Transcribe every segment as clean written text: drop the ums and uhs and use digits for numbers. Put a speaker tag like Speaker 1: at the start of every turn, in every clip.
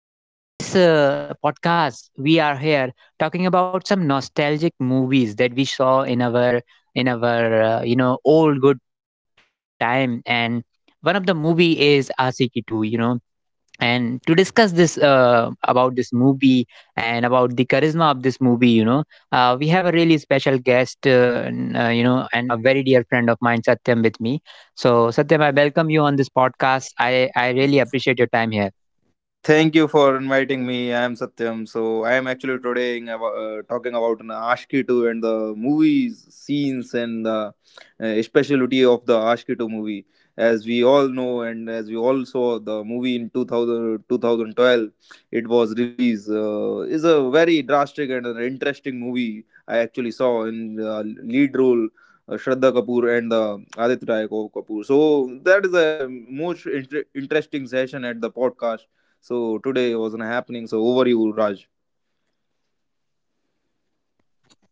Speaker 1: So, in today's podcast, we are here talking about some nostalgic movies that we saw in our old good time, and one of the movie is Asiki 2, and to discuss this about this movie and about the charisma of this movie, you know we have a really special guest n- you know and a very dear friend of mine, Satyam, with me. So Satyam, I welcome you on this podcast. I really appreciate your time here.
Speaker 2: Thank you for inviting me. I am Satyam. So I am actually today in talking about an Ashki 2 and the movies, scenes, and the specialty of the Ashki 2 movie. As we all know, and as we all saw, the movie in 2012, it was released. Is a very drastic and an interesting movie. I actually saw in lead role. Shraddha Kapoor and Aditya Roy Kapoor. So that is a most interesting session at the podcast so today wasn't happening. So over you, Raj.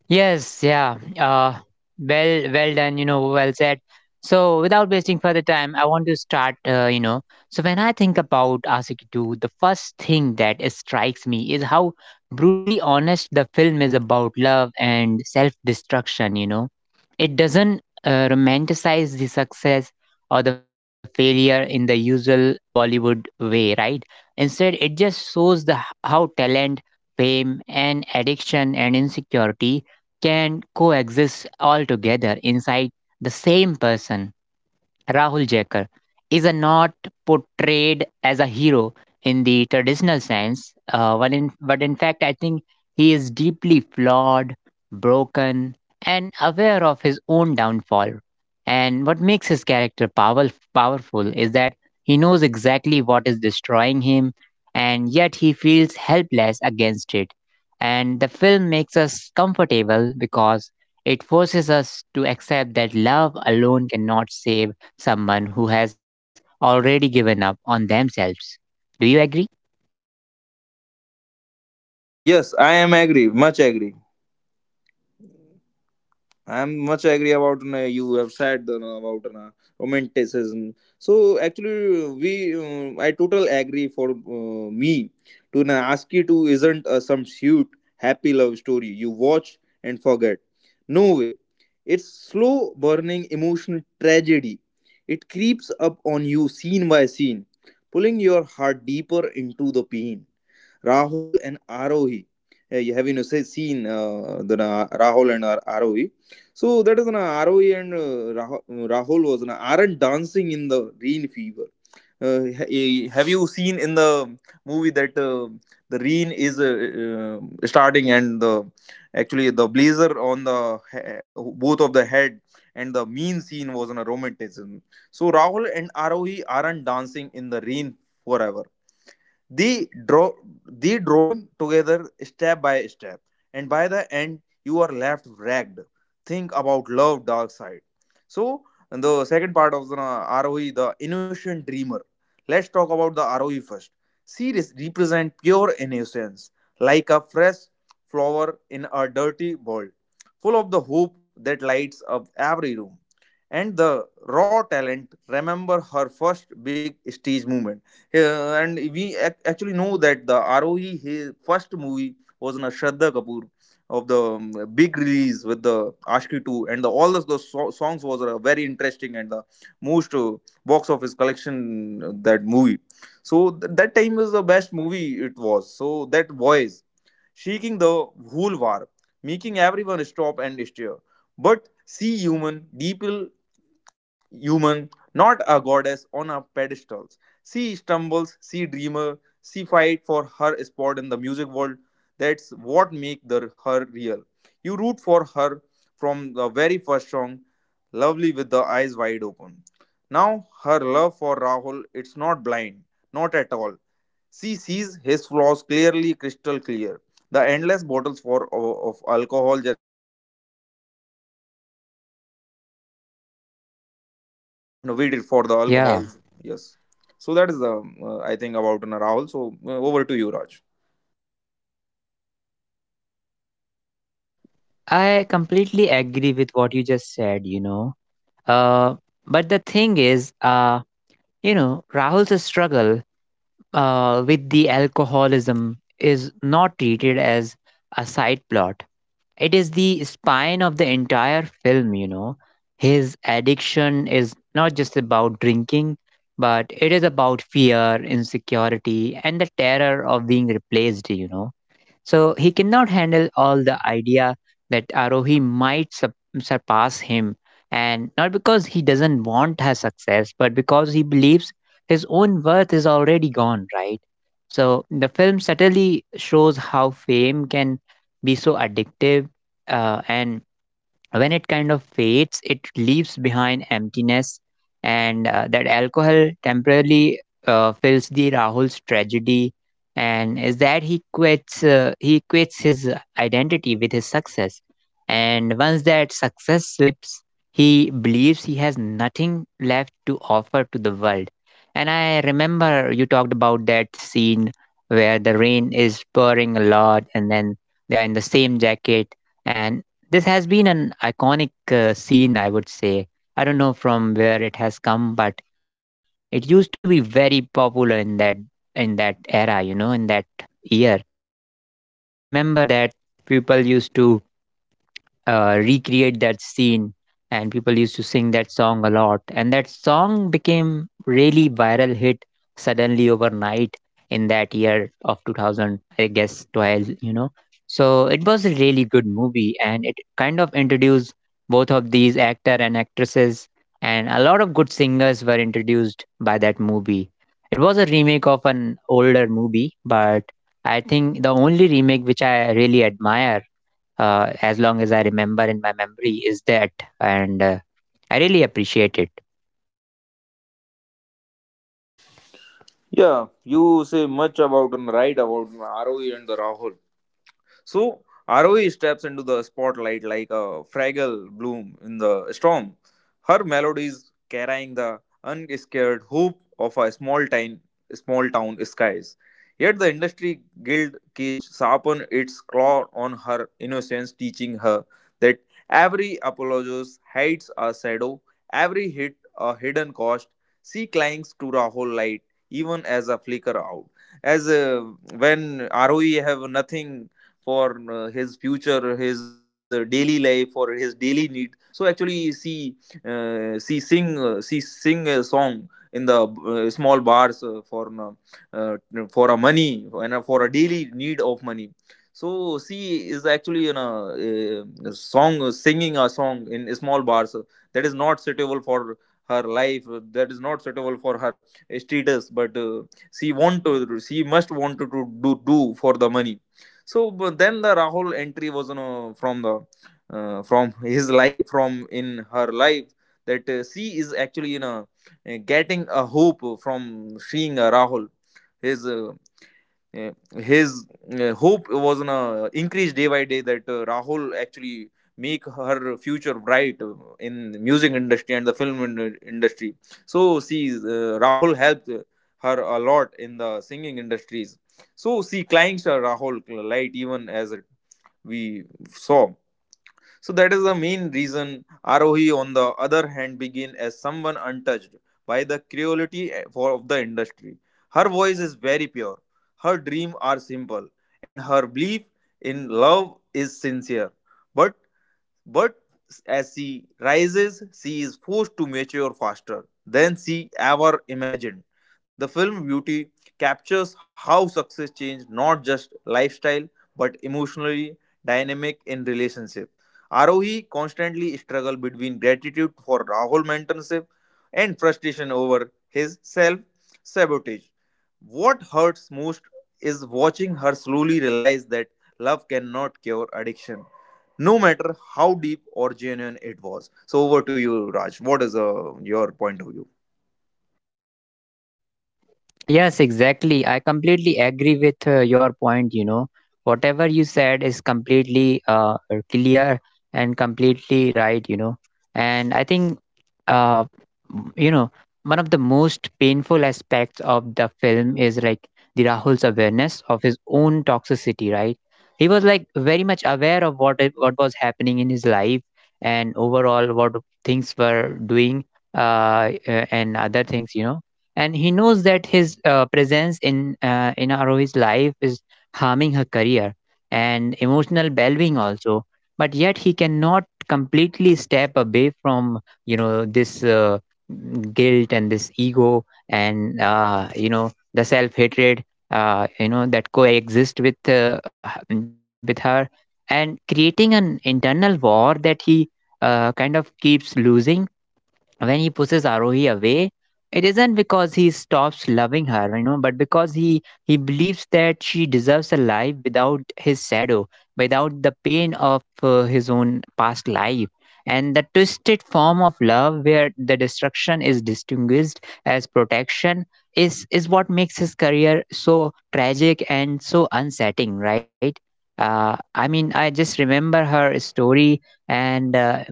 Speaker 1: Yes, yeah. Well done. Well said. So, without wasting further time, I want to start. So when I think about Asikidu, the first thing that strikes me is how brutally honest the film is about love and self-destruction. You know, it doesn't romanticize the success or the failure in the usual Bollywood way, right? Instead, it just shows the how talent, fame, and addiction and insecurity can coexist all together inside the same person. Rahul Jaikar is a not portrayed as a hero in the traditional sense, but in fact, I think he is deeply flawed, broken, and aware of his own downfall. And what makes his character powerful is that he knows exactly what is destroying him, and yet he feels helpless against it. And the film makes us comfortable because it forces us to accept that love alone cannot save someone who has already given up on themselves. Do you agree?
Speaker 2: Yes, I am agree, much agree. I'm much agree about na you have said you about na romanticism. So actually, we I total agree for me to na ask you to isn't a some shoot happy love story you watch and forget. No way, it's slow burning emotional tragedy. It creeps up on you scene by scene, pulling your heart deeper into the pain. Rahul and Arohi. You have you know, say, seen the Rahul and Arohi. So that is an Arohi and Rahul was an Arendt dancing in the rain fever. Have you seen in the movie that the rain is starting and the actually the blazer on the both of the head and the mean scene was on a romanticism. So Rahul and Arohi aren't dancing in the rain forever the drawing together step by step, and by the end you are left ragged, think about love dark side. So, and the second part of the roe, the innocent dreamer, let's talk about the roe first. Series represent pure innocence, like a fresh flower in a dirty world, full of the hope that lights up every room, and the raw talent. Remember her first big stage. Yeah, and we actually know that the ROE, his first movie, was na Shraddha Kapoor of the big release with the Ashki 2, and the, all those, songs was very interesting and the most box office collection that movie. So that time was the best movie it was. So that voice shaking the whole war, making everyone stop and stare. But see human, deep human, not a goddess on a pedestal. She stumbles, she dreamer, she fight for her spot in the music world. That's what make the, her real. You root for her from the very first song, lovely with the eyes wide open. Now her love for Rahul, it's not blind, not at all. She sees his flaws clearly, crystal clear. The endless bottles for of alcohol that that's we seen in the for the Rahul, Rahul is much no, we did for the alcohols.
Speaker 1: Yeah,
Speaker 2: Yes. So that is the I think about an Rahul. So over to you, Raj.
Speaker 1: I completely agree with what you just said, you know. Uh, but the thing is, Rahul's struggle with the alcoholism is not treated as a side plot. It is the spine of the entire film, you know. His addiction is not just about drinking, but it is about fear, insecurity, and the terror of being replaced, you know. So he cannot handle all the idea that surpass him. And not because he doesn't want her success, but because he believes his own worth is already gone, right? So the film subtly shows how fame can be so addictive, and when it kind of fades, it leaves behind emptiness, and that alcohol temporarily fills the Rahul's tragedy, and is that he quits his identity with his success. And once that success slips, he believes he has nothing left to offer to the world. And I remember you talked about that scene where the rain is pouring a lot and then they are in the same jacket, and this has been an iconic scene, I would say. I don't know from where it has come, but it used to be very popular in that era, you know, in that year. And I remember that people used to recreate that scene, and people used to sing that song a lot, and that song became really viral hit suddenly overnight in that year of 2000, I guess 12, you know. So it was a really good movie, and it kind of introduced both of these actor and actresses, and a lot of good singers were introduced by that movie. It was a remake of an older movie, but I think the only remake which I really admire as long as I remember in my memory is that, and I really appreciate it.
Speaker 2: Yeah, you say much about and right about Arohi and the Rahul. So Aroi steps into the spotlight like a fragile bloom in the storm. Her melodies carrying the unscared hope of a small town skies. Yet the industry guild cage sharpened its claw on her innocence, teaching her that every apologist hides a shadow, every hit a hidden cost. She clings to the whole light, even as a flicker out as when ROE have nothing for his future, his daily life, for his daily need. So actually, she sing a song in the small bars uh, for a money and for a daily need of money. So she is actually in a, song singing a song in small bars that is not suitable for her life that is not suitable for her status but she must want to do for the money. So but then the Rahul entry was you know, from the from in her life, that she is actually you know getting a hope from seeing Rahul. His yeah, his hope was on a increased day by day that Rahul actually make her future bright in the music industry and the industry. So see, Rahul helped her a lot in the singing industries. So she climbs Rahul light even as it we saw. So that is the main reason ROE, on the other hand, begin as someone untouched by the cruelty of the industry. Her voice is very pure. Her dreams are simple and her belief in love is sincere. But but as she rises, she is forced to mature faster than she ever imagined. The film Beauty captures how success changed not just lifestyle but emotionally dynamic in relationship. Arohi constantly struggled between gratitude for Rahul mentorship and frustration over his self sabotage. What hurts most is watching her slowly realize that love cannot cure addiction no matter how deep or genuine it was. So over to you, Raj. What is your point of view?
Speaker 1: Yes, exactly. I completely agree with your point. You know, whatever you said is completely clear and completely right. You know, and I think, uh, m- you know, one of the most painful aspects of the film is like the Rahul's awareness of his own toxicity. Right, he was like very much aware of what was happening in his life and overall what things were doing, and other things. You know, and he knows that his presence in Arohi's life is harming her career and emotional well-being also. But yet he cannot completely step away from, you know, this guilt and this ego and, you know, the self-hatred that coexist with with her, and creating an internal war that he kind of keeps losing. When he pushes Arohi away, it isn't because he stops loving her, you know, but because he believes that she deserves a life without his shadow, without the pain of his own past life. And the twisted form of love, where the destruction is distinguished as protection, is what makes his career so tragic and so unsettling, right? I mean, I just remember her story, and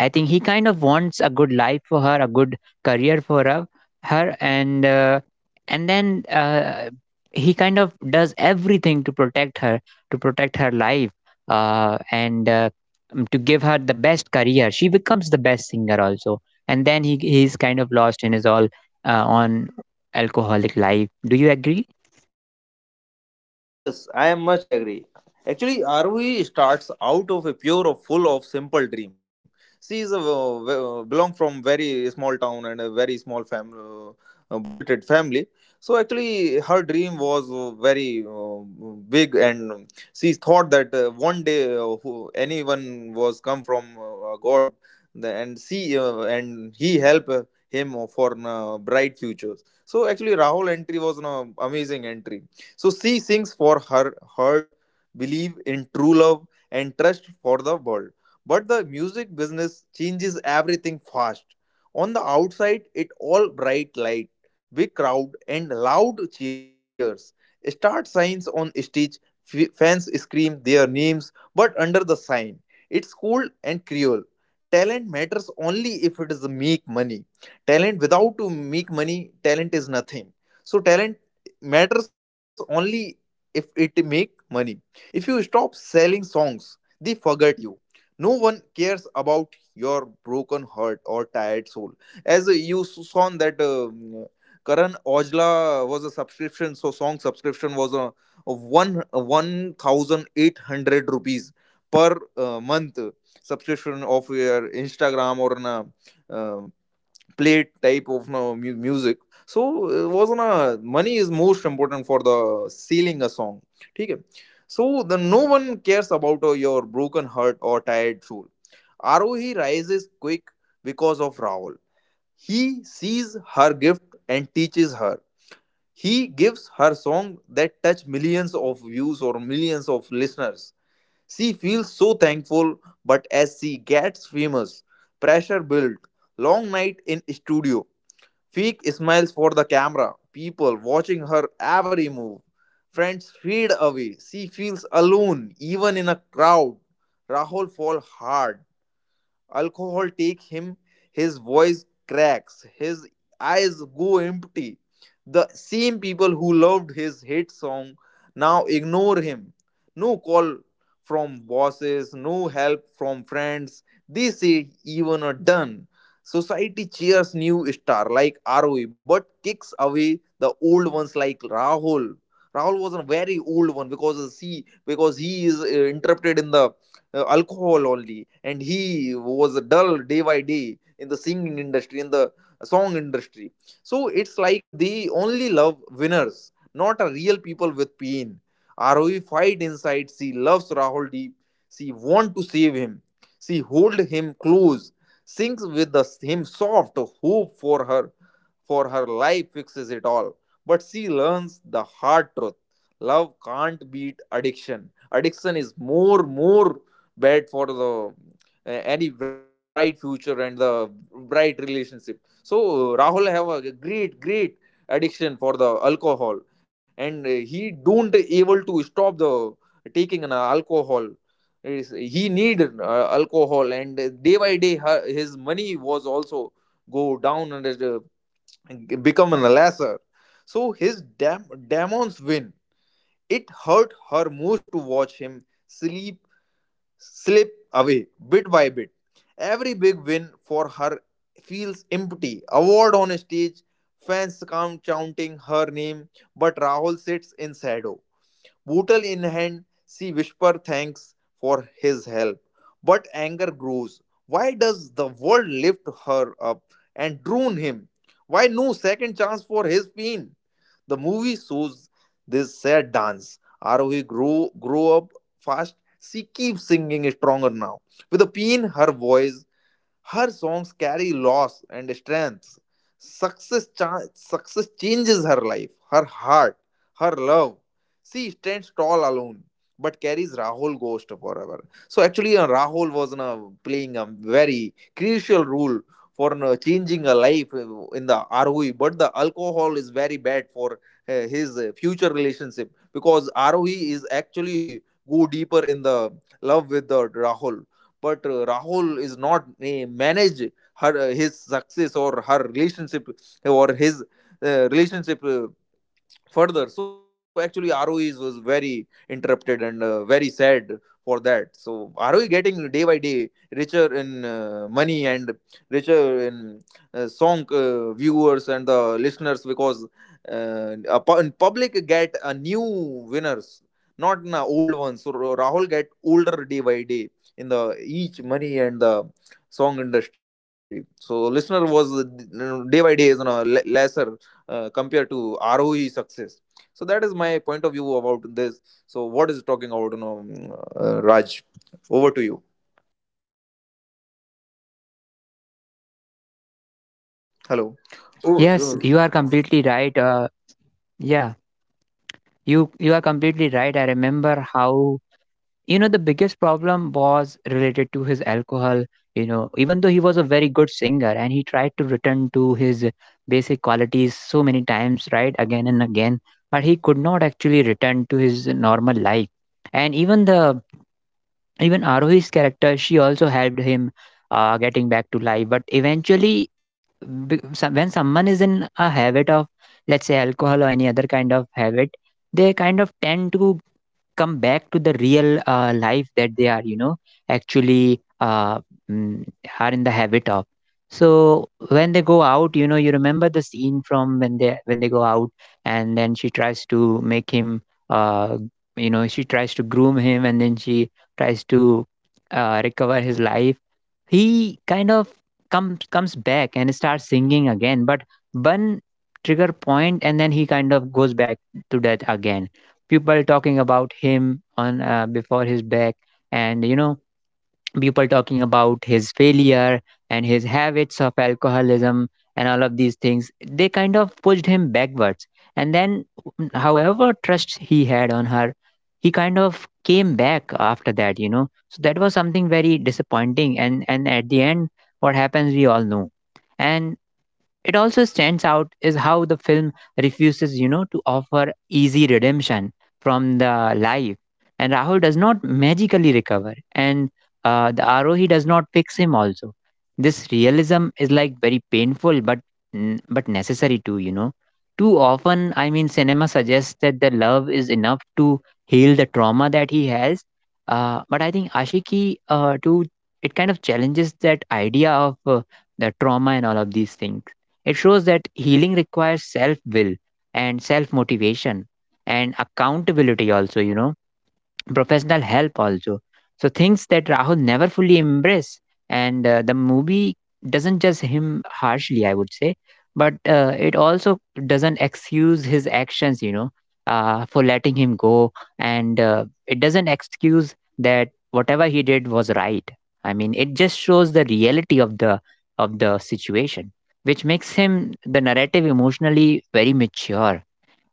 Speaker 1: I think he kind of wants a good life for her, a good career for her, her and then he kind of does everything to protect her life, and to give her the best career. She becomes the best singer also, and then he's kind of lost in his all on alcoholic life. Do you agree?
Speaker 2: Yes, I am much agree. Actually, Arvi starts out of a pure of full of simple dream. She is a, belong from very small town and a very small fam budgeted family. So actually, her dream was very big, and she thought that one day anyone was come from God, and she and he help him for bright futures. So actually, Rahul entry was an amazing entry, so she sings for her heart, believe in true love, and trust for the world. But the music business changes everything fast. On the outside, it all bright light, big crowd, and loud cheers. Start signs on stage, fans scream their names, but under the sign. It's cold and cruel. Talent matters only if it is make money. Talent without to make money, talent is nothing. So talent matters only if it make money. If you stop selling songs, they forget you. No one cares about your broken heart or tired soul. As you saw that Karan Aujla was a subscription, so song subscription was a, of one one thousand eight hundred rupees per month subscription of your Instagram or an, um, plate type of no, music. So it was on a money is most important for the selling a song. ठीक है. So the no one cares about your broken heart or tired soul. Arohi rises quick because of Rahul. He sees her gift and teaches her. He gives her song that touch millions of views or millions of listeners. She feels so thankful, but as she gets famous, pressure built, long night in studio. Fake smiles for the camera, people watching her every move. Friends fade away. She feels alone, even in a crowd. Rahul falls hard. Alcohol takes him, his voice cracks, his eyes go empty. The same people who loved his hit song now ignore him. No call from bosses, no help from friends. They say even are done. Society cheers new star like ROE but kicks away the old ones like Rahul. Rahul was a very old one because see because he is interrupted in the alcohol only, and he was dull day by day in the singing industry in the song industry. So it's like they only love winners, not a real people with pain. Aroi fight inside, she loves Rahul deep, she want to save him, she hold him close, sings with him soft hope for her, for her life fixes it all. But she learns the hard truth, love can't beat addiction. Addiction is more bad for the any bright future and the bright relationship. So Rahul have a great addiction for the alcohol, and he don't able to stop the taking an alcohol. He need alcohol, and day by day his money was also go down and become an lesser. So his demons win. It hurt her most to watch him sleep slip away bit by bit. Every big win for her feels empty. Award on stage, fans count chanting her name, but Rahul sits in shadow. Bootle in hand, she whispers thanks for his help. But anger grows. Why does the world lift her up and drown him? Why no second chance for his pain? The movie shows this sad dance. Arohi grow up fast. She keeps singing stronger now. With a pain, her voice her songs carry loss and strength. Success changes her life, her heart, her love. She stands tall alone, but carries Rahul ghost forever. So actually, Rahul was playing a very crucial role for changing a life in the ROE. But the alcohol is very bad for his future relationship because ROE is actually go deeper in the love with the Rahul but Rahul is not manage her his success or her relationship or his relationship further. So actually roes was very interrupted and very sad for that. So roe getting day by day richer in money and richer in song viewers and the listeners because uh, in public get a new winners, not an old ones. So rahul get older day by day in the each money and the song industry. So listener was day by day is on a lesser compared to roe success. So that is my point of view about this. So what is talking about, you know, raj, over to you. Hello. oh,
Speaker 1: Yes, you are completely right. Yeah, you are completely right. I remember how, you know, the biggest problem was related to his alcohol, you know, even though he was a very good singer and he tried to return to his basic qualities so many times, right, again and again, but he could not actually return to his normal life. And even the even Arohi's character, she also helped him getting back to life, but eventually when someone is in a habit of, let's say, alcohol or any other kind of habit, they kind of tend to come back to the real life that they are, you know, actually uh, mm, are in the habit of. So when they go out, you know, you remember the scene from when they go out, and then she tries to make him, uh, you know, she tries to groom him, and then she tries to recover his life. He kind of comes back and starts singing again, but one trigger point and then he kind of goes back to that again. People talking about him on, before his back, and, you know, people talking about his failure and his habits of alcoholism, and all of these things, they kind of pushed him backwards. And then, however trust he had on her, he kind of came back after that, you know. So that was something very disappointing, and at the end what happens we all know. And it also stands out is how the film refuses, you know, to offer easy redemption from the life. And Rahul does not magically recover, and the Arohi does not fix him also. This realism is like very painful, but but necessary too. You know, too often, I mean, cinema suggests that the love is enough to heal the trauma that he has. But I think Ashiki too, it kind of challenges that idea of the trauma and all of these things. It shows that healing requires self will and self motivation and accountability, also, you know, professional help also. So things that Rahul never fully embrace, and the movie doesn't judge him harshly, I would say, but it also doesn't excuse his actions, you know, for letting him go, and it doesn't excuse that whatever he did was right. I mean, it just shows the reality of the situation, which makes him the narrative emotionally very mature.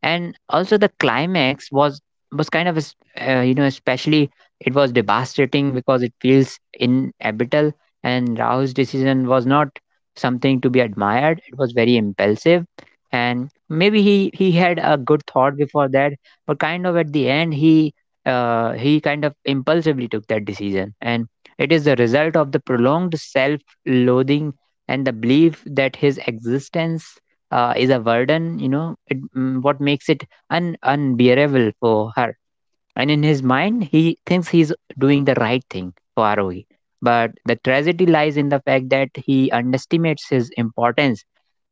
Speaker 1: And also the climax was kind of you know, especially, it was devastating because it feels inevitable. And Rao's decision was not something to be admired. It was very impulsive, and maybe he had a good thought before that, but kind of at the end he kind of impulsively took that decision, and it is the result of the prolonged self loathing and the belief that his existence is a burden, you know, what makes it unbearable for her. And in his mind, he thinks he's doing the right thing for Arohi. But the tragedy lies in the fact that he underestimates his importance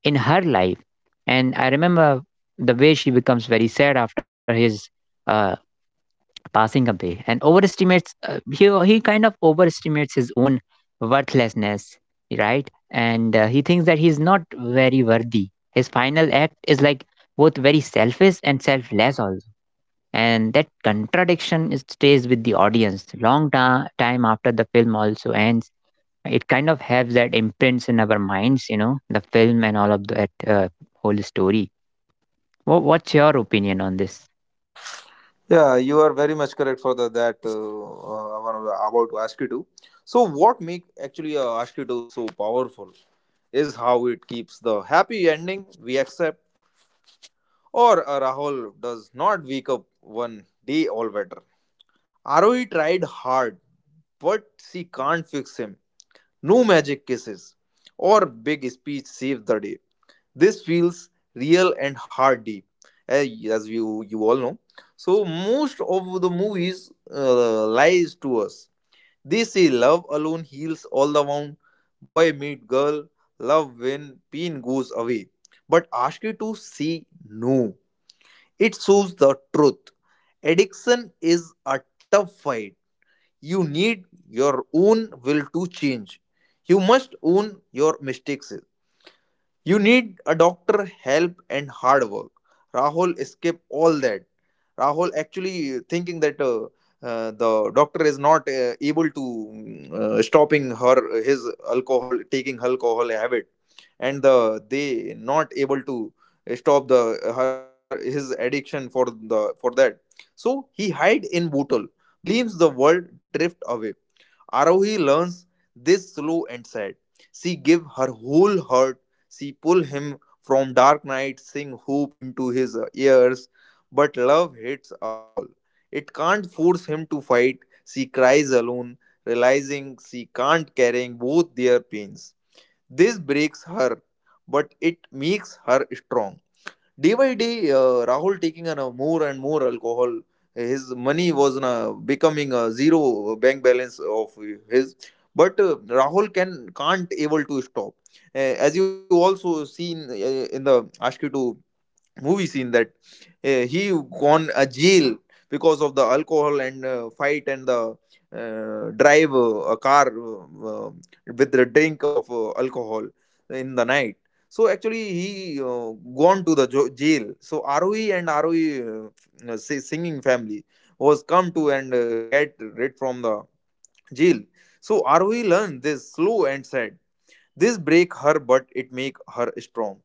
Speaker 1: in her life. And I remember the way she becomes very sad after his uh, passing away and overestimates he kind of overestimates his own worthlessness, right. And he thinks that he's not very worthy. His final act is like both very selfish and selfless also, and that contradiction stays with the audience long time after the film also ends. It kind of has that imprints in our minds, the film and all of that uh, whole story. What's your opinion on this?
Speaker 2: yeah, you are very much correct for the, that I was about to ask you to. So what make actually ask you to so powerful is how it keeps the happy ending we accept. Or rahul does not wake up one day all better. Roe tried hard but she can't fix him. No magic kisses or big speech save the day. This feels real and hard deep, as you all know. So most of the movies lies to us. They say love alone heals all the wound. Boy meet girl. Love when pain goes away. But ask you to say no. It shows the truth. Addiction is a tough fight. You need your own will to change. You must own your mistakes. You need a doctor, help, and hard work. Rahul escaped all that. Rahul actually thinking that the doctor is not able to stopping her his alcohol taking alcohol habit, and the they not able to stop the her his addiction for the for that. So he hide in bottle, believes the world drift away. Arohi learns this slow and sad. She give her whole heart. She pulled him from dark night, sing hoop into his ears, but love hits a wall. It can't force him to fight. She cries alone, realizing she can't carrying both their pains. This breaks her, but it makes her strong. Day by day, Rahul taking on a more and more alcohol. His money was becoming a zero bank balance of his, but Rahul can't able to stop. Uh, as you also seen in the Ashki 2 movie scene that he gone a jail because of the alcohol and fight and the drive a car uh, with the drink of alcohol in the night. So actually he gone to the jail. So roe and roe singing family was come to and get rid from the jail. So roe learned this slow and said. This break her but it make her strong.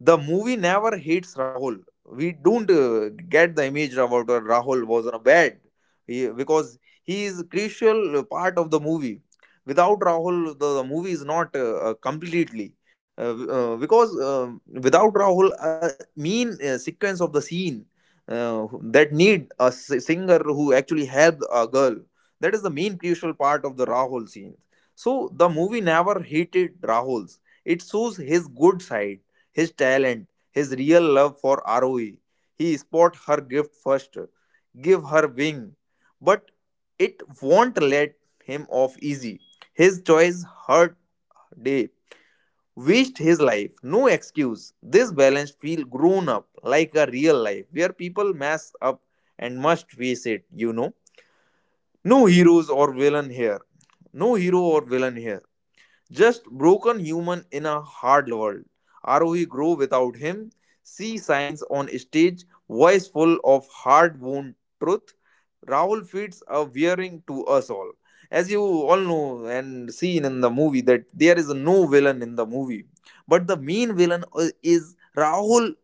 Speaker 2: The movie never hates Rahul. We don't get the image about Rahul was on a bad he, because he is a crucial part of the movie. Without Rahul, the movie is not completely. Because without Rahul, a mean sequence of the scene that need a singer who actually helped a girl. That is the main crucial part of the Rahul scene. So the movie never hated Rahul's. It shows his good side, his talent, his real love for ROE. He spot her gift first, give her wing, but it won't let him off easy. His choice hurt day, wished his life, no excuse. This balance feel grown up like a real life where people mess up and must face it, you know. No heroes or villain here. No hero or villain here. Just broken human in a hard world. ROE grow without him. See signs on stage, voice full of hard wound truth. Rahul feeds a wearing to us all. As you all know and seen in the movie that there is no villain in the movie. But the main villain is Rahul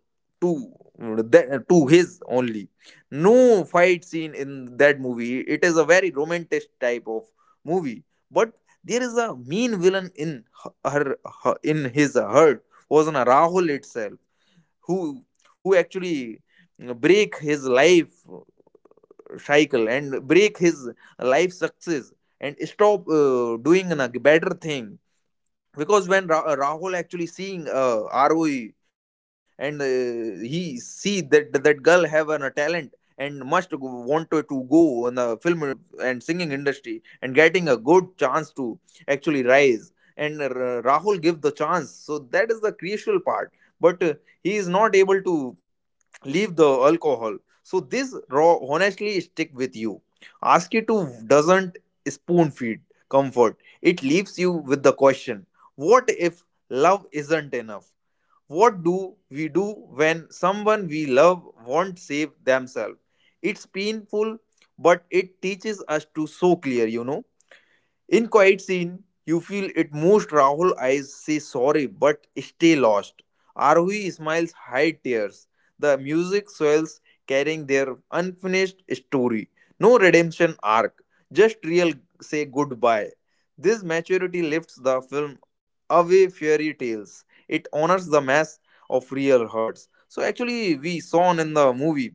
Speaker 2: to that, to his only. No fight scene in that movie. It is a very romantic type of movie, but there is a mean villain in her, her in his heart was on Rahul itself, who who actually break his life cycle and break his life success and stop doing a better thing. Because when Rahul actually seeing ROE and he see that that girl have an, a talent and must want to go on the film and singing industry and getting a good chance to actually rise and Rahul give the chance. So that is the crucial part, but he is not able to leave the alcohol. So this raw honestly stick with you. Ask you to doesn't spoon feed comfort. It leaves you with the question, what if love isn't enough? What do we do when someone we love won't save themselves? It's painful, but it teaches us to so clear, you know. In quiet scene, you feel it most. Rahul eyes say sorry but stay lost. Arhui smiles hide tears. The music swells, carrying their unfinished story. No redemption arc, just real say goodbye. This maturity lifts the film away fairy tales. It honors the mass of real hurts. So actually we saw in the movie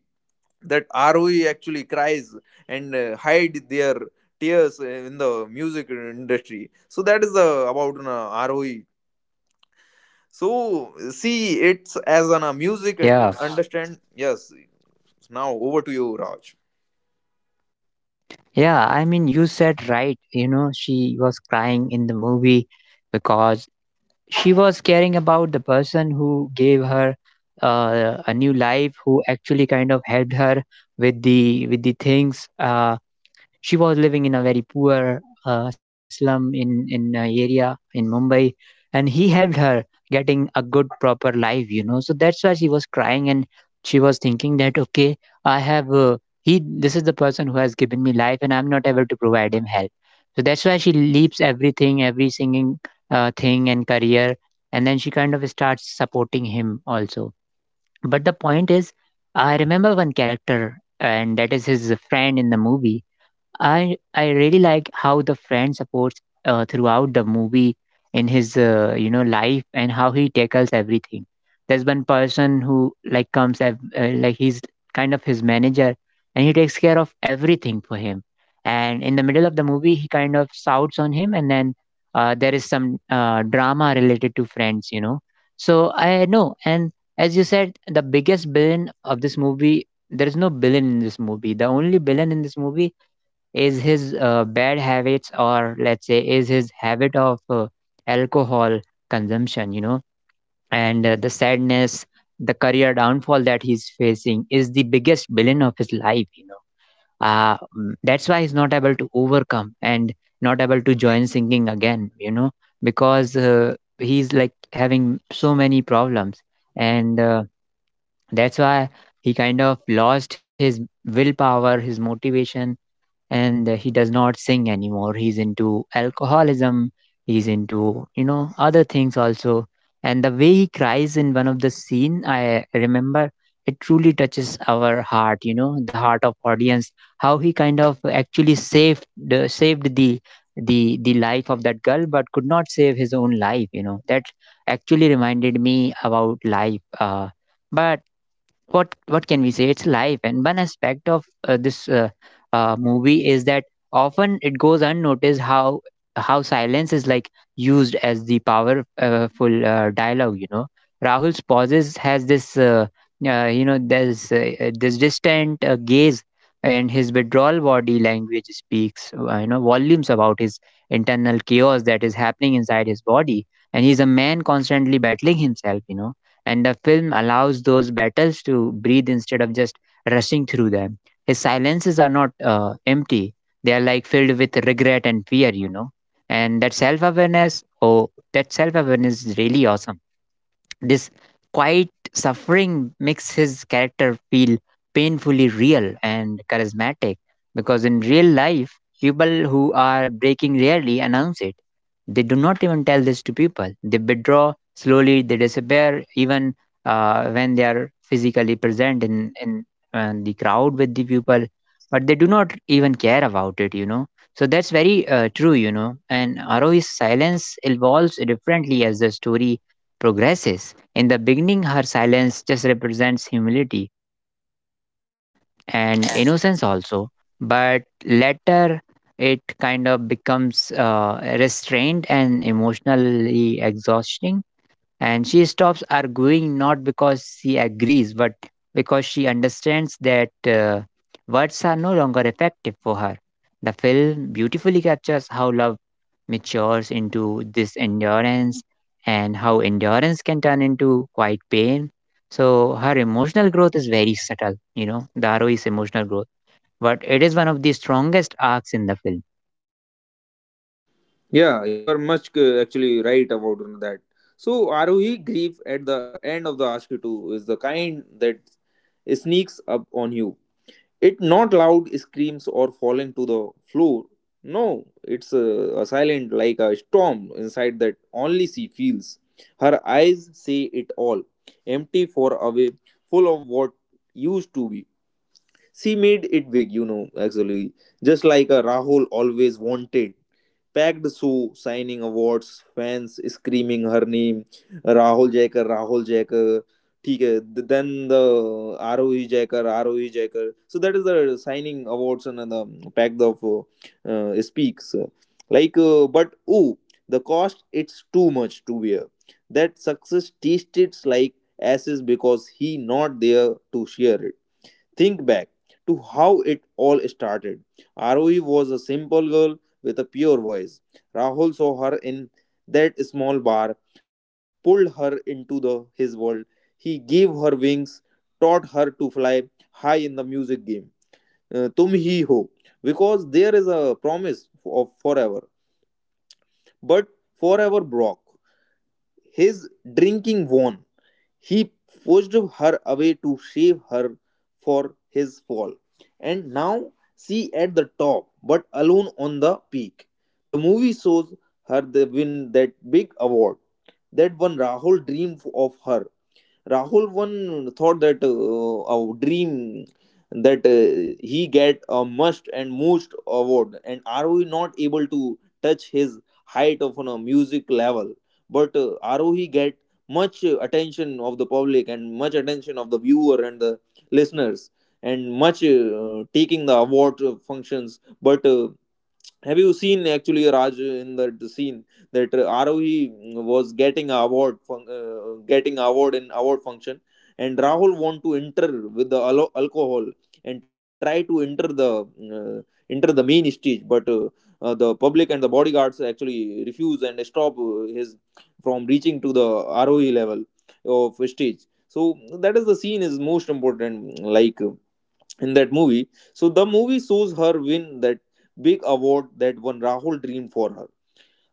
Speaker 2: that ROE actually cries and hide their tears in the music industry. So that is the about an, ROE. So see it's as an music and
Speaker 1: Yeah.
Speaker 2: understand. Yes. Now over to you, Raj.
Speaker 1: Yeah, I mean, you said right. You know, she was crying in the movie because she was caring about the person who gave her a new life, who actually kind of helped her with the things. She was living in a very poor slum in a area in Mumbai, and he helped her getting a good proper life. You know, so that's why she was crying, and she was thinking that okay, I have he this is the person who has given me life, and I'm not able to provide him help. So that's why she leaves everything, every singing thing and career, and then she kind of starts supporting him also. But the point is, I remember one character, and that is his friend in the movie. I really like how the friend supports throughout the movie in his you know life, and how he tackles everything. There's one person who like comes like he's kind of his manager, and he takes care of everything for him. And in the middle of the movie, he kind of shouts on him, and then there is some drama related to friends, you know. So I know, and as you said, the biggest villain of this movie. There is no villain in this movie. The only villain in this movie is his bad habits, or let's say is his habit of alcohol consumption, you know. And the sadness, the career downfall that he's facing is the biggest villain of his life, you know. That's why he's not able to overcome and not able to join singing again, you know, because he's like having so many problems. And that's why he kind of lost his willpower, his motivation, and he does not sing anymore. He's into alcoholism, he's into you know other things also. And the way he cries in one of the scene, I remember, it truly touches our heart, you know, the heart of audience. How he kind of actually saved the the life of that girl but could not save his own life, you know, that actually reminded me about life. But what can we say, it's life. And one aspect of this movie is that often it goes unnoticed how silence is like used as the powerful dialogue, you know. Rahul's pauses has this you know, there's this distant gaze, and his withdrawal body language speaks you know volumes about his internal chaos that is happening inside his body. And he's a man constantly battling himself, you know. And the film allows those battles to breathe instead of just rushing through them. His silences are not empty, they are like filled with regret and fear, you know. And that self awareness, oh, that self awareness is really awesome. This quiet suffering makes his character feel painfully real and charismatic, because in real life, people who are breaking rarely announce it. They do not even tell this to people. They withdraw slowly, they disappear even when they are physically present in the crowd with the people, but they do not even care about it, you know. So that's very true, you know. And Arohi's silence evolves differently as the story progresses. In the beginning, her silence just represents humility and innocence also, but later it kind of becomes restrained and emotionally exhausting, and she stops arguing not because she agrees, but because she understands that words are no longer effective for her. The film beautifully captures how love matures into this endurance, and how endurance can turn into quite pain. So her emotional growth is very subtle, you know, Daru's emotional growth. But it is one of the strongest arcs in the film.
Speaker 2: Yeah, you are much actually right about that. So ROE grief at the end of the ASCII 2 is the kind that sneaks up on you. It not loud screams or falling to the floor. No, it's a silent like a storm inside that only she feels. Her eyes say it all, empty for away, full of what used to be. She made it big, you know, actually. Just like a Rahul always wanted. Packed show, signing awards, fans screaming her name, Rahul Jacker, Rahul Jacker. ठीक है then the the R O E jacker. So that is the signing awards and the signing of and the pack of speaks like but oh the cost it's too much to bear that success taste it's like ashes because he not there to share. Think back to how it all started. Arui was a simple girl with a pure voice. Rahul saw her in that small bar, pulled her into his world. He gave her wings, taught her to fly high in the music game. Tum Hi Ho, because there is a promise of forever. But forever broke. His drinking won. He pushed her away to save her for his fall. And now she at the top, but alone on the peak. The movie shows her the win that big award. That one Rahul dreamed of her. Rahul one thought that our dream, that he get a must and most award and are we not able to touch his height of on a music level, but are we get much attention of the public and much attention of the viewer and the listeners and much taking the award functions, but have you seen actually Raj in that scene that Arohi was getting a getting award in award function and Rahul want to enter with the alcohol and try to enter the uh, enter the main stage, but the public and the bodyguards actually refuse and stop his from reaching to the Arohi level of stage. So that is the scene is most important like in that movie. So the movie shows her win that big award that one Rahul dreamed for her.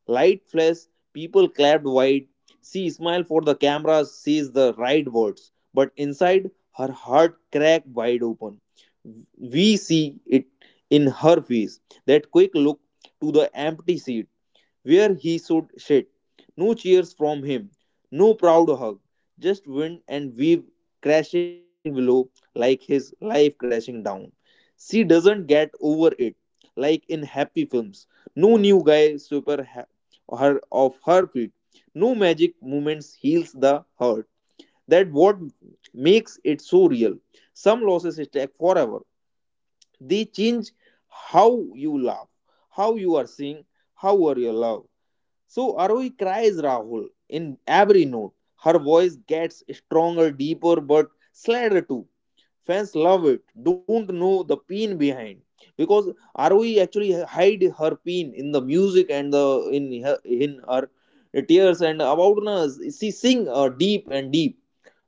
Speaker 2: Light flashed, people clapped wide. She smiled for the camera, says the right words, but inside her heart cracked wide open. We see it in her face. That quick look to the empty seat, where he should sit. No cheers from him, no proud hug, just wind and wave crashing below like his life crashing down. She doesn't get over it, like in happy films. No new guy super her of her feet. No magic moments heals the hurt. That what makes it so real. Some losses stay forever. They change how you laugh, how you are seeing, how are your love. So Aroi cries Rahul in every note. Her voice gets stronger, deeper, but sadder too. Fans love it. Don't know the pain behind because Aroi actually hide her pain in the music and the in her tears and about us. She sing deep and deep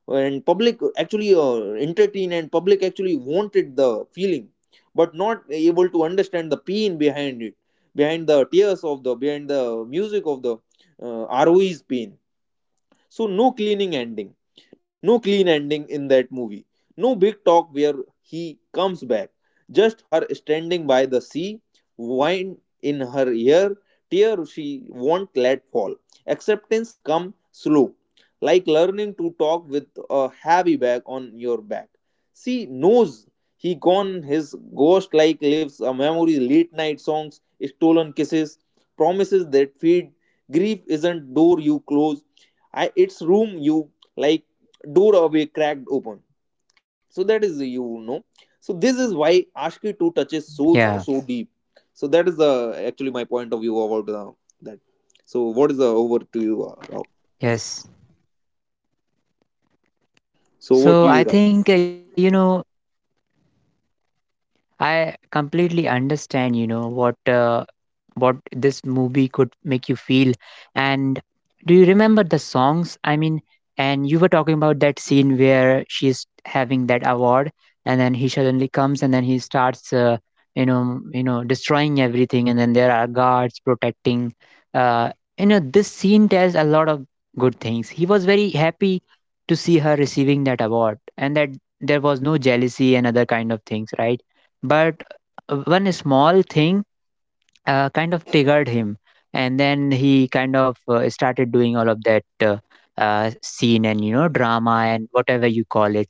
Speaker 2: and public actually entertain and public actually wanted the feeling but not able to understand the pain behind it behind the tears of the behind the music of the roe's pain. So no cleaning ending, no clean ending in that movie. No big talk where he comes back. Just her standing by the sea, wine in her ear, tear she won't let fall. Acceptance come slow, like learning to talk with a heavy bag on your back. She knows he gone his ghost like lives a memory, late night songs, stolen kisses, promises that feed. Grief isn't door you close, its room you like door away cracked open so that is. So this is why ashki 2 touches souls so
Speaker 1: Yeah,
Speaker 2: deep. So that is the actually my point of view about that. So what is the over to you Rao?
Speaker 1: yes.
Speaker 2: So over to you
Speaker 1: So
Speaker 2: Rao.
Speaker 1: I think, you know, I completely understand, you know, what this movie could make you feel. And do you remember the songs? I mean, and you were talking about that scene where she's having that award, and then he suddenly comes, and then he starts, you know, destroying everything, and then there are guards protecting. Uh, you know, this scene tells a lot of good things. He was very happy to see her receiving that award, and that there was no jealousy and other kind of things, right? But one small thing kind of triggered him, and then he kind of started doing all of that scene and you know drama and whatever you call it.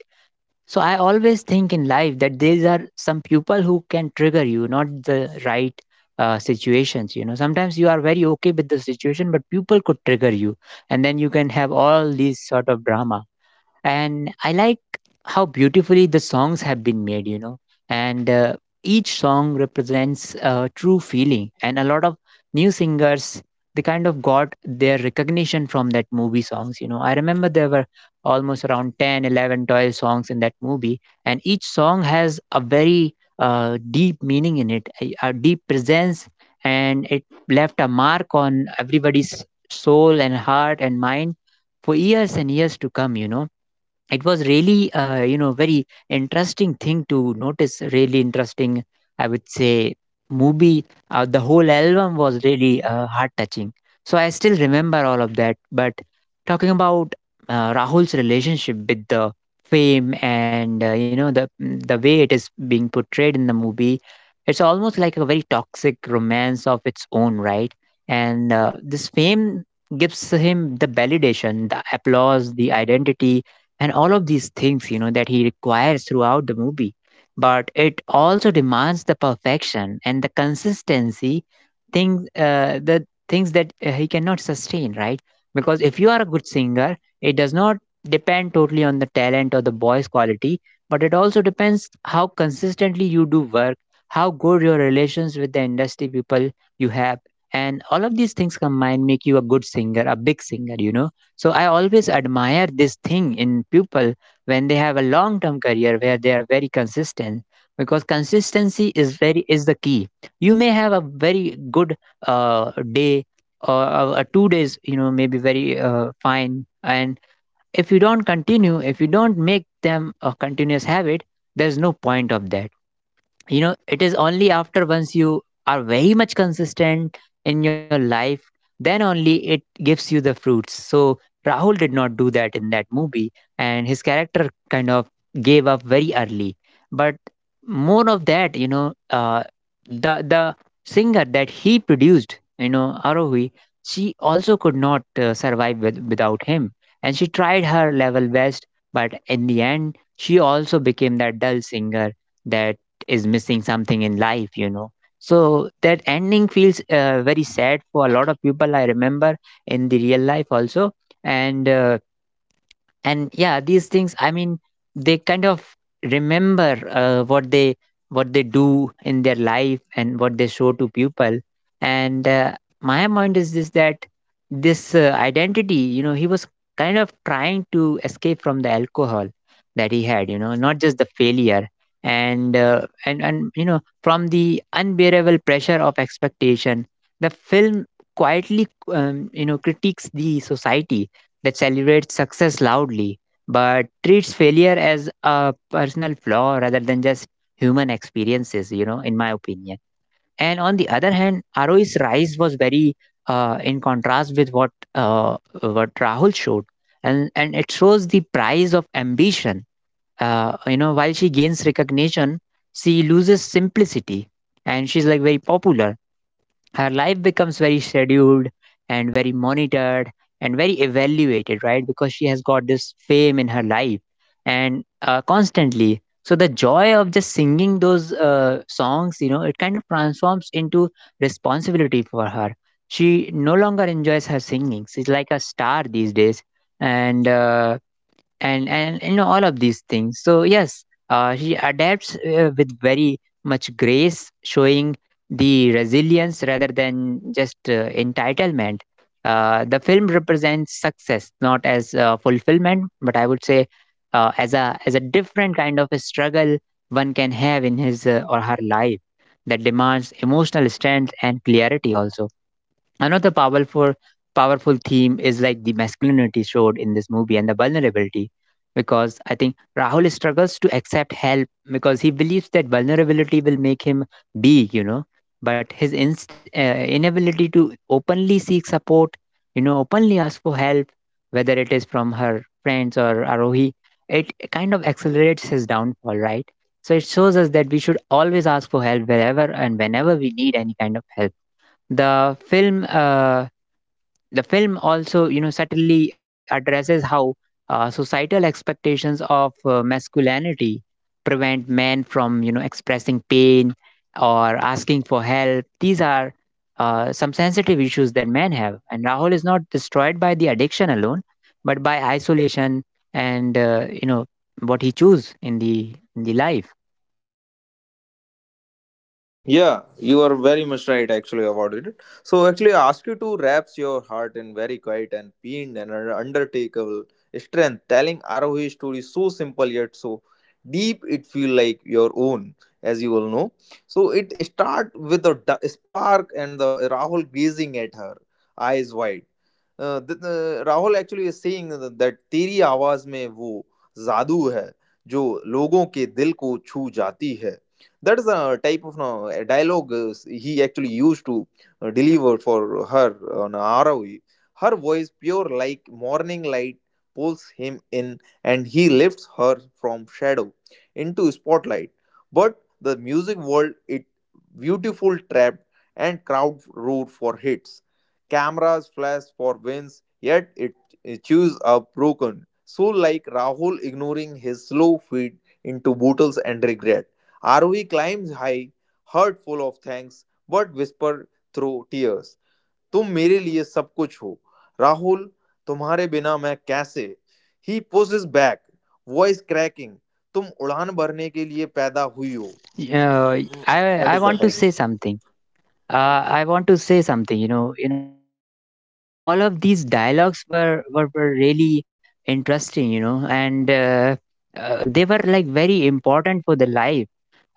Speaker 1: So I always think in life that these are some people who can trigger you, not the right situations, you know. Sometimes you are very okay with the situation, but people could trigger you, and then you can have all these sort of drama. And I like how beautifully the songs have been made, you know. And each song represents a true feeling, and a lot of new singers, they kind of got their recognition from that movie songs. You know, I remember there were almost around 10 11 12 songs in that movie, and each song has a very deep meaning in it, a deep presence, and it left a mark on everybody's soul and heart and mind for years and years to come, you know. It was really you know very interesting thing to notice, really interesting I would say movie. The whole album was really heart touching. So I still remember all of that. But talking about Rahul's relationship with the fame and you know, the way it is being portrayed in the movie, it's almost like a very toxic romance of its own, right? And this fame gives him the validation, the applause, the identity, and all of these things, you know, that he requires throughout the movie. But it also demands the perfection and the consistency, things the things that he cannot sustain, right? Because if you are a good singer, it does not depend totally on the talent or the voice quality, but it also depends how consistently you do work, how good your relations with the industry people you have, and all of these things combined make you a good singer, a big singer, you know. So I always admire this thing in people when they have a long term career where they are very consistent, because consistency is the key. You may have a very good day or 2 days, you know, maybe very fine. And if you don't continue, if you don't make them a continuous habit, there's no point of that, you know. It is only after once you are very much consistent in your life, then only it gives you the fruits. So Rahul did not do that in that movie, and his character kind of gave up very early. But more of that, you know. uh, the singer that he produced, you know, Arohi, she also could not survive without him. And she tried her level best, but in the end she also became that dull singer that is missing something in life, you know. So that ending feels very sad for a lot of people, I remember, in the real life also. And and yeah, these things, I mean, they kind of remember what they do in their life and what they show to people. And my point is this, that this identity, you know, he was kind of trying to escape from the alcohol that he had, you know, not just the failure, and you know, from the unbearable pressure of expectation. The film quietly you know critiques the society that celebrates success loudly but treats failure as a personal flaw rather than just human experiences, you know, in my opinion. And on the other hand, Roe's rise was very in contrast with what Rahul showed. And it shows the price of ambition. You know, while she gains recognition, she loses simplicity, and she's like very popular. Our life becomes very scheduled and very monitored and very evaluated, right? Because she has got this fame in her life, and constantly. So the joy of just singing those songs, you know, it kind of transforms into responsibility for her. She no longer enjoys her singing, she's like a star these days. And you know, all of these things. So yes, she adapts with very much grace, showing the resilience rather than just entitlement. The film represents success not as fulfillment, but I would say as a different kind of a struggle one can have in his or her life that demands emotional strength and clarity also. Another powerful theme is like the masculinity showed in this movie and the vulnerability, because I think Rahul struggles to accept help because he believes that vulnerability will make him big, you know. But his inability to openly seek support, openly ask for help, whether it is from her friends or Arohi, it kind of accelerates his downfall, right? So it shows us that we should always ask for help wherever and whenever we need any kind of help. The film, uh, the film also, subtly addresses how societal expectations of masculinity prevent men from, expressing pain or asking for help. These are some sensitive issues that men have, and Rahul is not destroyed by the addiction alone, but by isolation and what he choose in the life.
Speaker 2: Yeah, you are very much right actually about it. So actually, I ask you to wraps your heart in very quiet and pained and undertakeable strength, telling ROH story so simple yet so deep it feel like your own, as you all know. So it start with a spark and the Rahul gazing at her, eyes wide. Rahul actually is saying that तेरी आवाज में वो जादू है जो लोगों के दिल को छू जाती है. That is a type of no, a dialogue he actually used to deliver for her on ROE. Her voice, pure like morning light, pulls him in and he lifts her from shadow into spotlight. But the music world, it beautiful trapped and crowd root for hits. Cameras flash for wins, yet it chews up broken. So like Rahul ignoring his slow feet into bottles and regret. Aarohi climbs high heart full of thanks but whisper through tears तुम मेरे लिए सब कुछ हो राहुल तुम्हारे बिना मैं कैसे he pushes back voice cracking तुम उड़ान भरने के लिए पैदा हुई हो
Speaker 1: Uh, I
Speaker 2: that
Speaker 1: I
Speaker 2: is the
Speaker 1: want to
Speaker 2: type.
Speaker 1: say something. uh, I want to say something, all of these dialogues were really interesting, you know. And uh, uh, they were like very important for the life.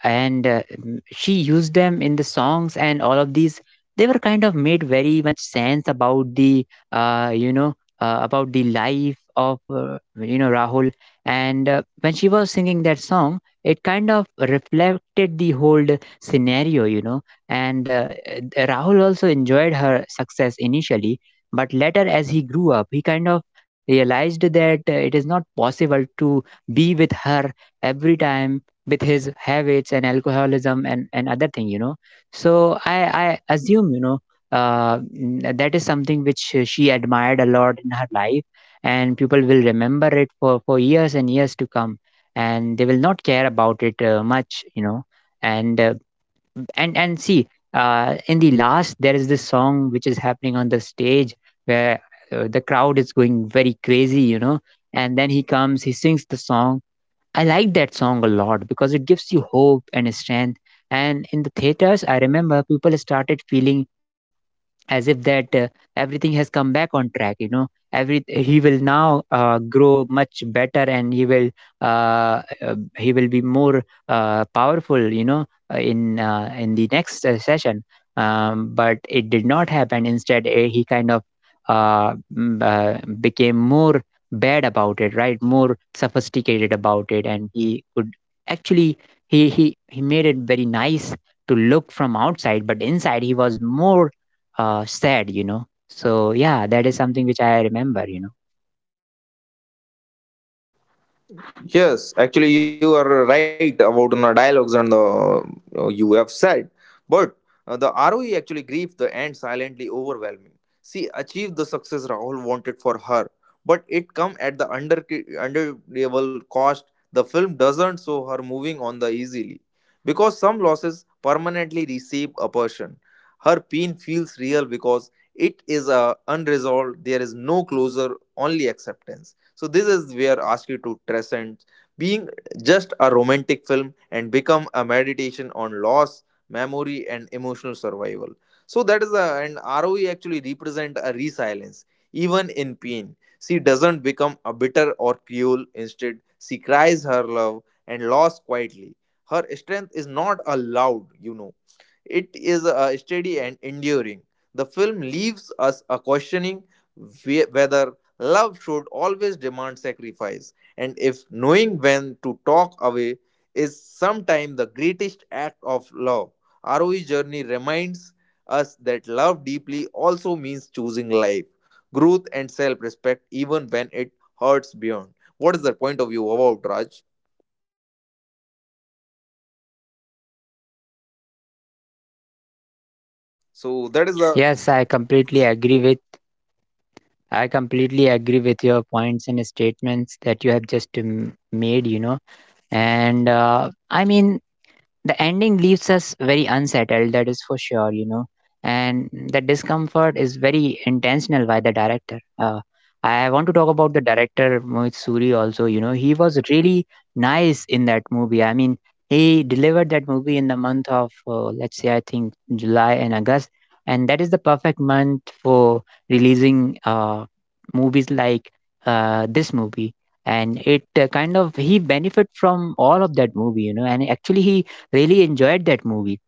Speaker 1: She used them in the songs, and all of these, they were kind of made very much sense about the uh, you know about the life of Rahul. And When she was singing that song, it kind of reflected the whole scenario, you know. And Rahul also enjoyed her success initially, but later, as he grew up, he kind of realized that it is not possible to be with her every time with his habits and alcoholism and other thing, you know. So I assume, you know, that is something which she admired a lot in her life, and people will remember it for years and years to come, and they will not care about it much, you know. And uh, and and see, in the last there is this song which is happening on the stage, where the crowd is going very crazy, you know, and then he comes, he sings the song. I like that song a lot because it gives you hope and strength. And in the theaters, I remember people started feeling as if that everything has come back on track, you know. Every he will now grow much better, and he will be more powerful, you know, in the next session. But it did not happen. Instead, he kind of became more bad about it, right? More sophisticated about it, and he could actually he made it very nice to look from outside, but inside he was more said, you know. So yeah, that is something which I remember, you know.
Speaker 2: Yes, actually, you are right about the dialogues and the you have said, but the ROE actually grieved the end silently overwhelming. She achieved the success Rahul wanted for her, but it come at the under underable cost. The film doesn't show her moving on the easily because some losses permanently receive a person. Her pain feels real because it is unresolved. There is no closure, only acceptance. So this is where Ask You to transcend being just a romantic film and become a meditation on loss, memory, and emotional survival. So that is a and ROE actually represent a resilience, even in pain. She doesn't become a bitter or cruel. Instead, she cries her love and loss quietly. Her strength is not a loud, you know, it is steady and enduring. The film leaves us a questioning whether love should always demand sacrifice, and if knowing when to talk away is sometimes the greatest act of love. ROE journey reminds us that love deeply also means choosing life, growth, and self-respect, even when it hurts beyond. What is the point of view about Raj? So that is the.
Speaker 1: Yes, I completely agree with I completely agree with your points and statements that you have just made, you know. And I mean, the ending leaves us very unsettled, that is for sure, you know, and the discomfort is very intentional by the director. I want to talk about the director Mohit Suri also, you know. He was really nice in that movie. I mean, he delivered that movie in the month of let's say, I think, July and August, and that is the perfect month for releasing movies like this movie. And it kind of, he benefit from all of that movie, you know, and actually he really enjoyed that movie.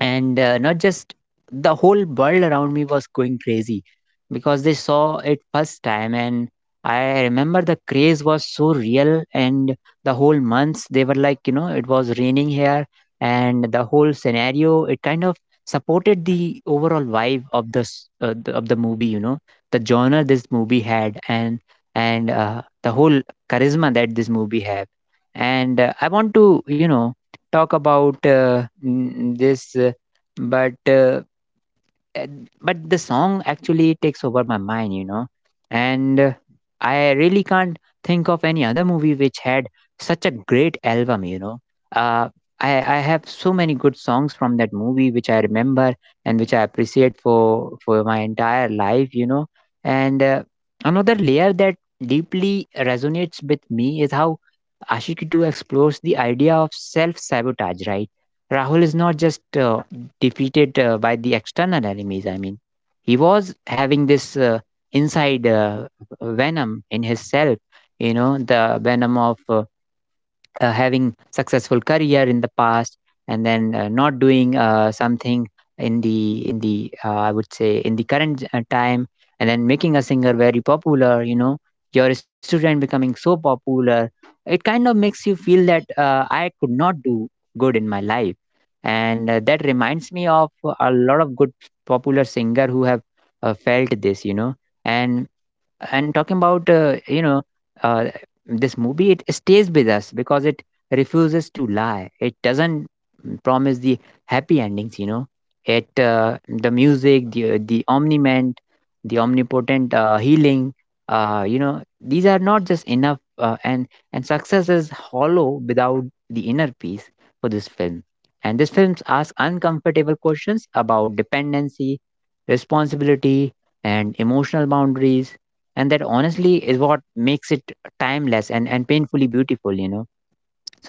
Speaker 1: And not just the whole world around me was going crazy because they saw it first time, and I remember the craze was so real, and the whole months they were like, you know, it was raining here, and the whole scenario, it kind of supported the overall vibe of of the movie, you know, the genre this movie had. And the whole charisma that this movie had. And I want to, you know, talk about but uh, but the song actually takes over my mind, you know. And I really can't think of any other movie which had such a great album, you know. Uh, i i have so many good songs from that movie, which I remember and which I appreciate for my entire life, you know. And another layer that deeply resonates with me is how Ashiki 2 explores the idea of self sabotage, right? Rahul is not just defeated by the external enemies. I mean, he was having this inside venom in his self, you know, the venom of having successful career in the past, and then not doing something in the I would say in the current time, and then making a singer very popular, you know. Your student becoming so popular, it kind of makes you feel that I could not do good in my life. And that reminds me of a lot of good popular singer who have felt this, you know. And and talking about, uh, this movie, it stays with us because it refuses to lie. It doesn't promise the happy endings, you know. It The music, the omniment the omnipotent healing, you know, these are not just enough, and success is hollow without the inner peace for this film. And this film asks uncomfortable questions about dependency, responsibility, and emotional boundaries, and that honestly is what makes it timeless and painfully beautiful, you know.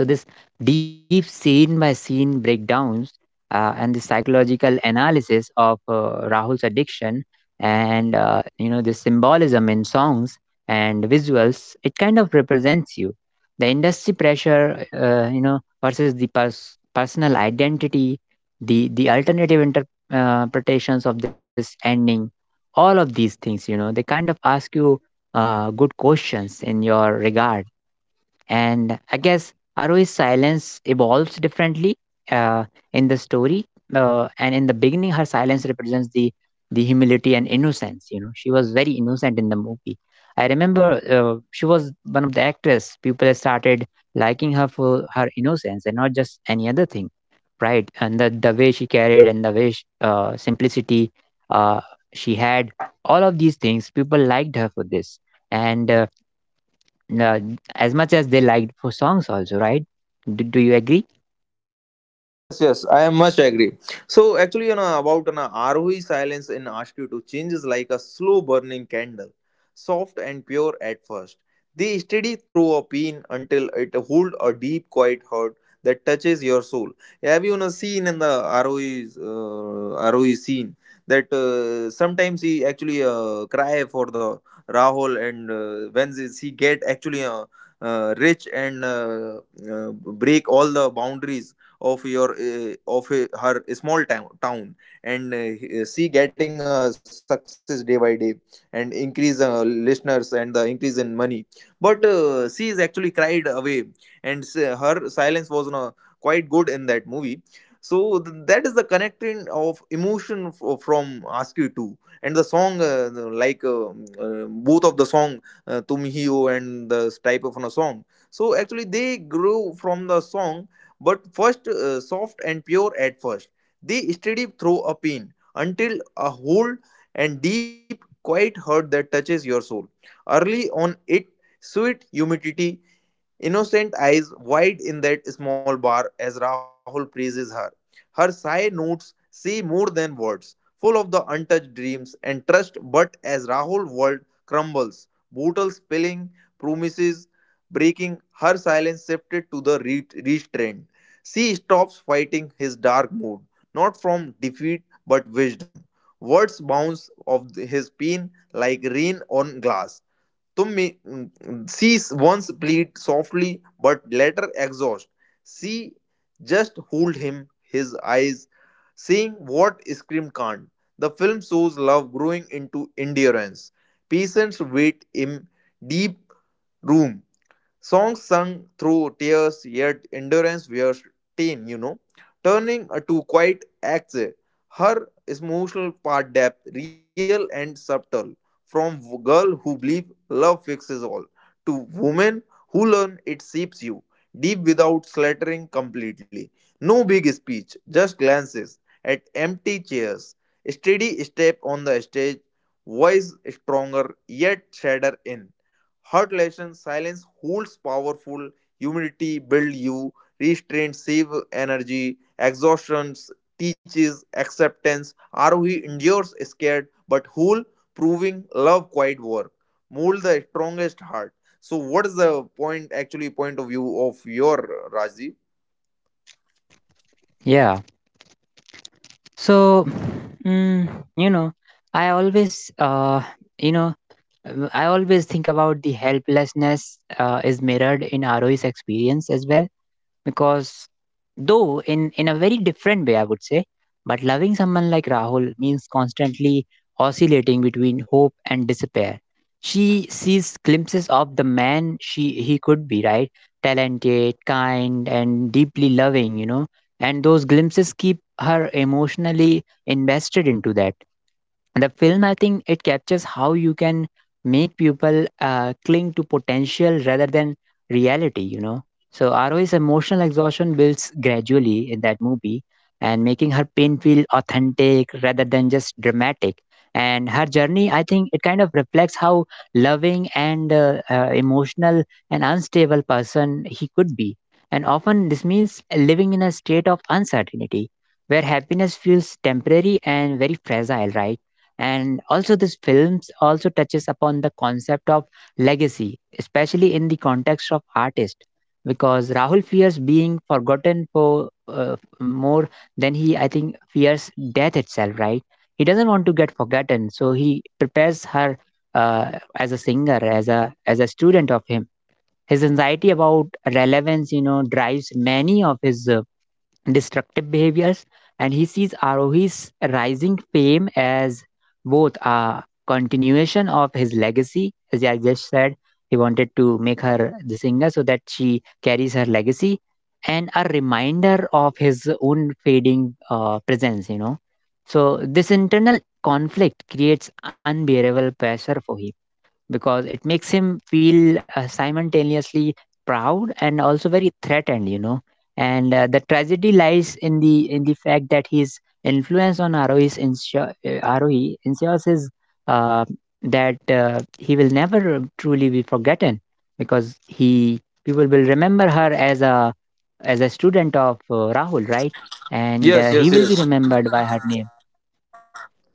Speaker 1: So this deep scene by scene breakdowns, and the psychological analysis of Rahul's addiction, and the symbolism in songs and visuals, it kind of represents you. The industry pressure, versus the personal identity, the alternative interpretations of this ending, all of these things, you know, they kind of ask you good questions in your regard. And I guess Haru's silence evolves differently uh, in the story. And in the beginning, her silence represents the humility and innocence. You know, she was very innocent in the movie. I remember she was one of the actress. People started liking her for her innocence and not just any other thing, right? And the way she carried, and the way sh simplicity uh, she had, all of these things, people liked her for this. And uh, as much as they liked for songs also, right? Do you agree?
Speaker 2: Yes, yes, I am much agree. So actually, you know about an ROE silence in RSQ to change is like a slow burning candle, soft and pure at first. They steady through a pin until it hold a deep, quiet hurt that touches your soul. Have you, you know, seen in the ROE's ROE scene that sometimes he actually cry for the Rahul and when he get actually rich and break all the boundaries of your of her small town and see getting a success day by day and increase listeners and the increase in money but she is actually cried away and her silence was quite good in that movie. So that is the connecting of emotion from askew 2 and the song like uh, both of the song tum hi ho and the type of a song. So actually they grew from the song but first soft and pure at first. They steady through a pain until a whole and deep, quiet hurt that touches your soul. Early on, it sweet humidity. Innocent eyes wide in that small bar as Rahul praises her. Her sigh notes say more than words, full of the untouched dreams and trust. But as Rahul's world crumbles, bottles spilling, promises breaking, her silence shifted to the restraint. She stops fighting his dark mood, not from defeat but wisdom. Words bounce off his pain like rain on glass. तुम में she once plead softly but later exhaust. She just hold him his eyes, saying what scream can't. The film shows love growing into endurance. Patients wait in deep room. Songs sung through tears, yet endurance wears thin, you know. Turning to quiet acts, her emotional part depth, real and subtle, from girl who believe love fixes all, to woman who learn it shapes you, deep without slattering completely. No big speech, just glances at empty chairs, steady step on the stage, voice stronger yet shadder in. Hot lesson silence holds powerful, humility builds you, restraint save energy, exhaustion teaches acceptance, ROE endures scared but whole, proving love quiet work, mold the strongest heart. So what is the point actually point of view of your Raji?
Speaker 1: Yeah, so mm, you know, I always you know I always think about the helplessness is mirrored in Roe's experience as well, because, though in a very different way I would say, but loving someone like Rahul means constantly oscillating between hope and despair. She sees glimpses of the man she he could be, right? Talented, kind and deeply loving, you know, and those glimpses keep her emotionally invested into that. The film, I think it captures how you can make people cling to potential rather than reality, you know. So Ro's emotional exhaustion builds gradually in that movie, and making her pain feel authentic rather than just dramatic. And her journey, I think it kind of reflects how loving and emotional and unstable person he could be, and often this means living in a state of uncertainty where happiness feels temporary and very fragile, right? And also this films also touches upon the concept of legacy, especially in the context of artist, because Rahul fears being forgotten for more than he, I think, fears death itself, right? He doesn't want to get forgotten, so he prepares her as a singer, as a student of him. His anxiety about relevance, you know, drives many of his destructive behaviors, and he sees Arohi's rising fame as both a continuation of his legacy. As I just said, he wanted to make her the singer so that she carries her legacy, and a reminder of his own fading presence, you know. So this internal conflict creates unbearable pressure for him, because it makes him feel simultaneously proud and also very threatened, you know. And the tragedy lies in the fact that his influence on Roe ensures his uh, that he will never truly be forgotten, because he people will remember her as a student of Rahul, right? And he will be
Speaker 2: Yes,
Speaker 1: remembered
Speaker 2: yes,
Speaker 1: by her
Speaker 2: yes.
Speaker 1: name.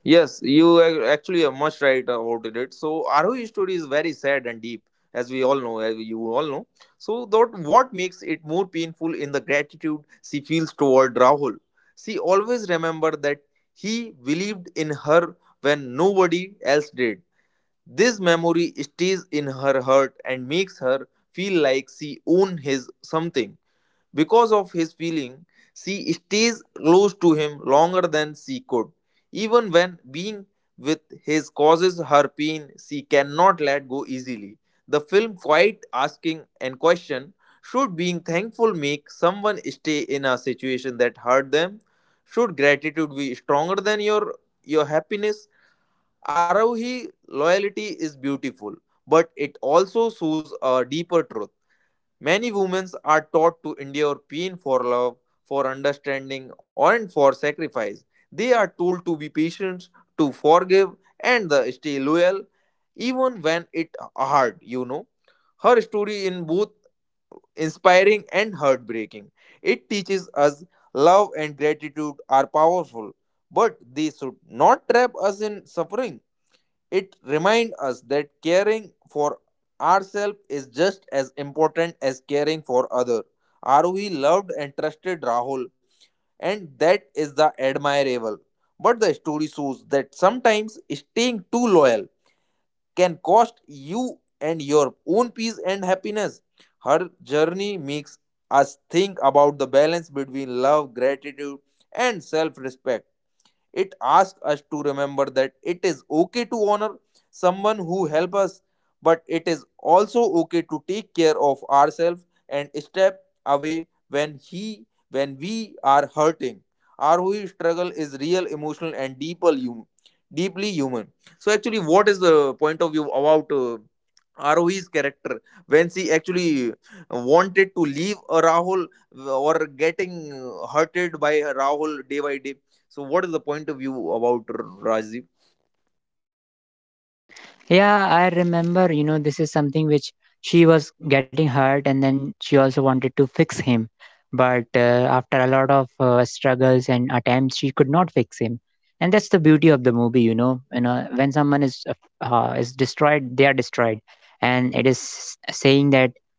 Speaker 2: Yes, you are actually are much right about it. So ROE story is very sad and deep, as we all know, as you all know. So that what makes it more painful in the gratitude she feels toward Rahul. She always remember that he believed in her when nobody else did. This memory stays in her heart and makes her feel like she own his something. Because of his feeling, she stays close to him longer than she could. Even when being with his causes her pain, she cannot let go easily. The film quite asking and question should being thankful make someone stay in a situation that hurt them? Should gratitude be stronger than your happiness? Arohi loyalty is beautiful, but it also shows a deeper truth. Many women are taught to endure pain for love, for understanding, and for sacrifice. They are told to be patient, to forgive, and the stay loyal, even when it hard. You know, her story in both inspiring and heartbreaking. It teaches us love and gratitude are powerful, but they should not trap us in suffering. It reminds us that caring for ourselves is just as important as caring for others. Aruhi loved and trusted Rahul? And that is the admirable. But the story shows that sometimes staying too loyal can cost you and your own peace and happiness. Her journey makes us think about the balance between love, gratitude, and self respect. It asks us to remember that it is okay to honor someone who helped us, but it is also okay to take care of ourselves and step away when he when we are hurting. Our whole struggle is real, emotional, and deeper human, deeply human. So, actually, what is the point of view about Arohi's character when she actually wanted to leave Rahul or getting hurted by Rahul day by day. So, what is the point of view about Rajiv?
Speaker 1: Yeah, I remember, you know, this is something which she was getting hurt, and then she also wanted to fix him. But after a lot of struggles and attempts, she could not fix him. And that's the beauty of the movie, you know. You know, when someone is destroyed, they are destroyed. And it is saying that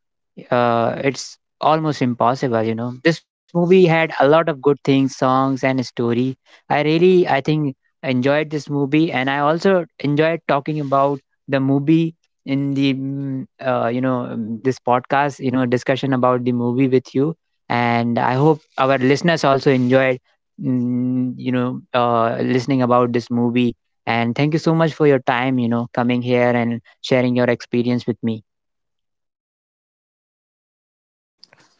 Speaker 1: it's almost impossible, you know. This movie had a lot of good things, songs and story. I really, I think, enjoyed this movie, and I also enjoyed talking about the movie in the this podcast, you know, discussion about the movie with you. And I hope our listeners also enjoyed listening about this movie. And thank you so much for your time, you know, coming here and sharing your experience with me.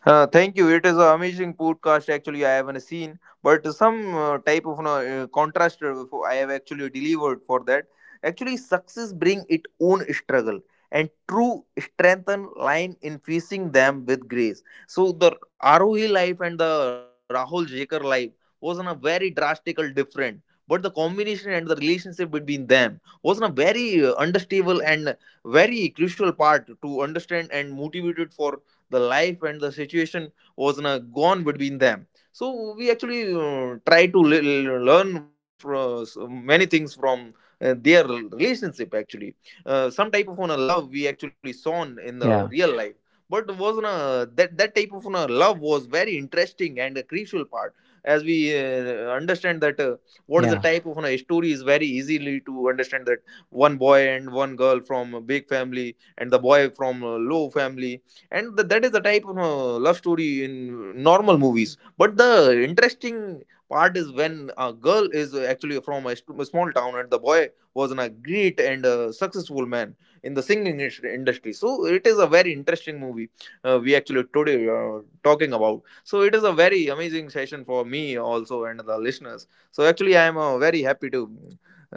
Speaker 2: Thank you. It is an amazing podcast. Actually, I haven't seen, but some type of you know, contrast I have actually delivered for that. Actually, success bring its own struggle and true strengthen line in facing them with grace. So the Arohi life and the Rahul Jaker life was on a very drastical different, but the combination and the relationship between them was on a very understable and very crucial part to understand and motivated for the life and the situation was gone between them. So we actually try to le- le- learn from many things from their relationship actually, some type of love we actually saw in the
Speaker 1: yeah
Speaker 2: real life but was that type of love was very interesting and a crucial part, as we understand that what is the
Speaker 1: yeah
Speaker 2: type of story is very easily to understand, that one boy and one girl from a big family and the boy from a low family and that is the type of love story in normal movies, but the interesting part is when a girl is actually from a small town and the boy was a great and successful man in the singing industry. So it is a very interesting movie we actually today talking about. So it is a very amazing session for me also and the listeners, so actually I am very happy to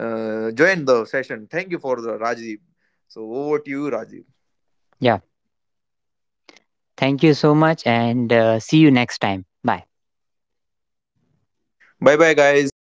Speaker 2: join the session. Thank you for the Rajdeep. So over to you Rajdeep.
Speaker 1: yeah Thank you so much, and see you next time. Bye.
Speaker 2: Bye bye guys.